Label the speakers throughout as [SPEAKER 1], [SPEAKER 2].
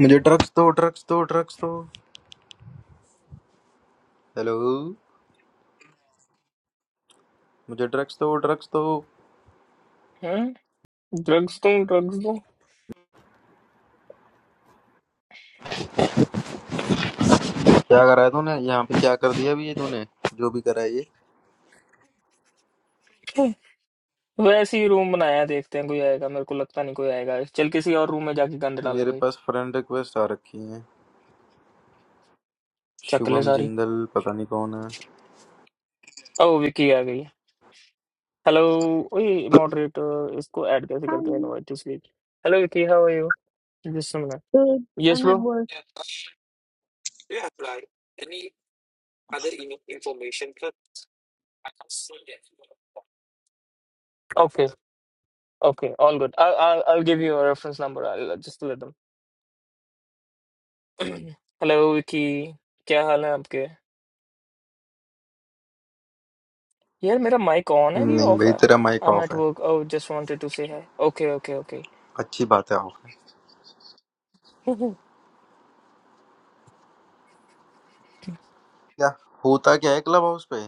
[SPEAKER 1] मुझे ड्रग्स दो ड्रग्स दो ड्रग्स दो हेलो मुझे ड्रग्स दो ड्रग्स दो
[SPEAKER 2] Hm, drugs too, drugs too.
[SPEAKER 1] क्या करा है तूने यहाँ पे क्या कर दिया भी ये तूने जो भी करा है ये
[SPEAKER 2] Okay. वैसी ही room बनाया देखते हैं कोई आएगा मेरे को लगता नहीं कोई आएगा चल किसी और room में जाके गंदे डाले
[SPEAKER 1] मेरे
[SPEAKER 2] भाई
[SPEAKER 1] पास फ्रेंड रिक्वेस्ट आ रखी है
[SPEAKER 2] चकले
[SPEAKER 1] शुभम
[SPEAKER 2] सारी
[SPEAKER 1] जिंदल पता नहीं कौन है
[SPEAKER 2] ओ विकी आ गई हेलो ओही moderator इसको add कैसे
[SPEAKER 3] Hi,
[SPEAKER 2] करते हैं notice lead hello Vicky hi हो जस्ट सुन रहा है
[SPEAKER 3] good. I'm
[SPEAKER 2] yes
[SPEAKER 3] at
[SPEAKER 2] bro
[SPEAKER 3] work.
[SPEAKER 2] okay okay all good I'll I'll I'll give you your reference number I'll just let them hello Vicky क्या हाल है आपके Here, my mic on is it
[SPEAKER 1] नहीं
[SPEAKER 2] off?
[SPEAKER 1] भाई तेरा माइक
[SPEAKER 2] I'm
[SPEAKER 1] ऑफ
[SPEAKER 2] at
[SPEAKER 1] है
[SPEAKER 2] work. I just wanted to say, okay, okay, okay.
[SPEAKER 1] अच्छी बात है ऑफ है क्या होता क्या है क्लब हाउस पे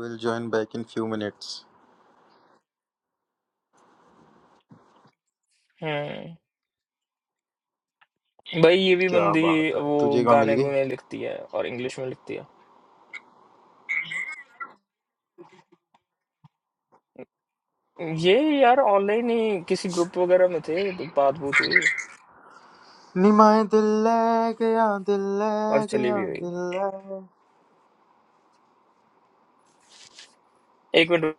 [SPEAKER 1] will join back in few minutes
[SPEAKER 2] Hmm. Boy,
[SPEAKER 1] क्या
[SPEAKER 2] this
[SPEAKER 1] बात है
[SPEAKER 2] girl
[SPEAKER 1] तुझे कहाँ मिल
[SPEAKER 2] writes
[SPEAKER 1] गई
[SPEAKER 2] songs and English too. Yeah, I was in a group online. So we talked and we
[SPEAKER 1] निमाए दिल ले गया दिल ले
[SPEAKER 2] left. One
[SPEAKER 1] गया दिल ले
[SPEAKER 2] minute.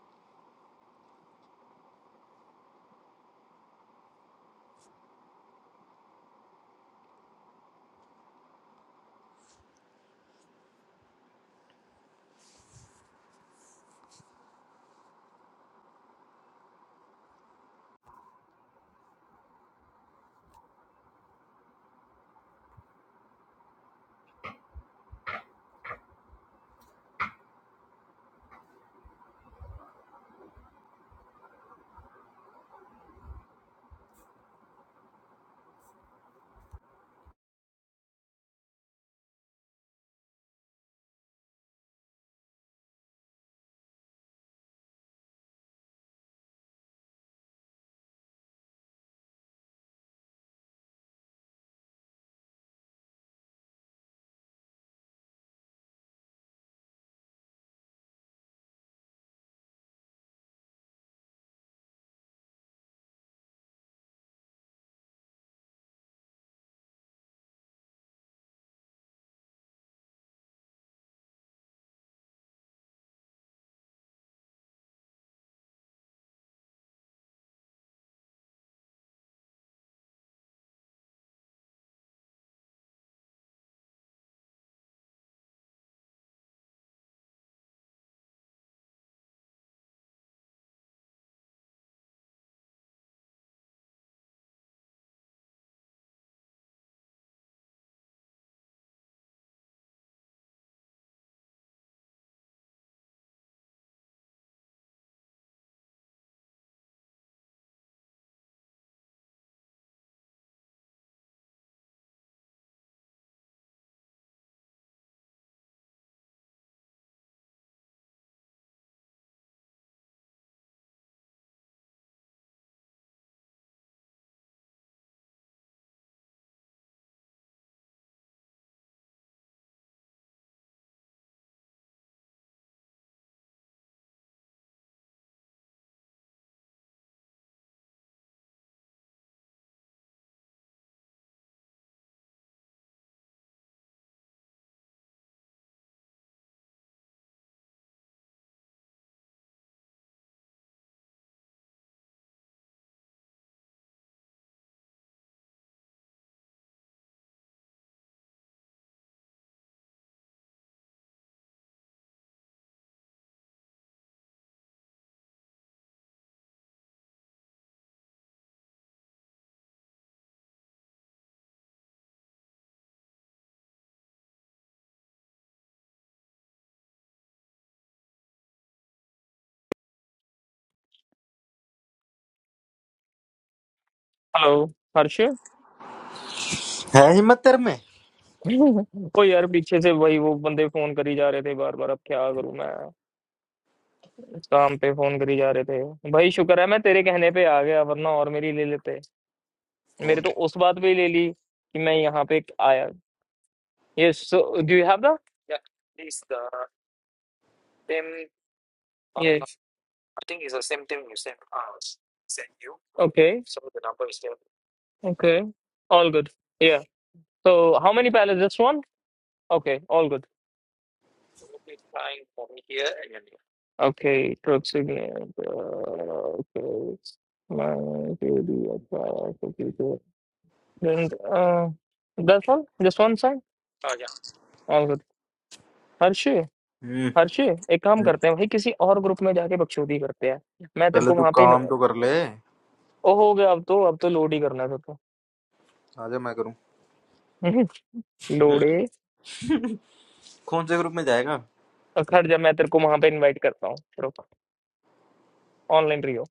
[SPEAKER 2] Hello, Harsh.
[SPEAKER 1] है हिम्मत तेरे में
[SPEAKER 2] Boy, I was on the phone with the guy from the group. I was on the phone with him again and again. What should I do? I'm on the phone with him. Thank God, I'm on your call. मेरे
[SPEAKER 1] कौन
[SPEAKER 2] तो उस बात पे ही ले ली कि मैं यहाँ पे आया yes so do you have the Yeah, it's the same. Uh, yes I think it's the same thing you sent us. Sent you. okay So the number is there. Okay, all good. Yeah. So how many pallets? Just one? Okay, all good. Probably fine from here and then here. Okay, truck signal. uh, Okay, my baby, I try, And uh, that's all. Just one sign. Oh yeah. all good Harshie,
[SPEAKER 1] हम्म
[SPEAKER 2] Harshie, ek kam karte hain. Wahi kisi aur group mein jaake baksodi karte hain. Maine
[SPEAKER 1] पहले
[SPEAKER 2] terko
[SPEAKER 1] तू
[SPEAKER 2] mahape
[SPEAKER 1] काम तो कर ले
[SPEAKER 2] oh ho gaya ab to ab to loody karna to
[SPEAKER 1] आजा मैं करूँ
[SPEAKER 2] loody.
[SPEAKER 1] कौन से ग्रुप में जाएगा
[SPEAKER 2] Aakhir jab Maine terko mahape invite karta hu. Stop. Online riyoo.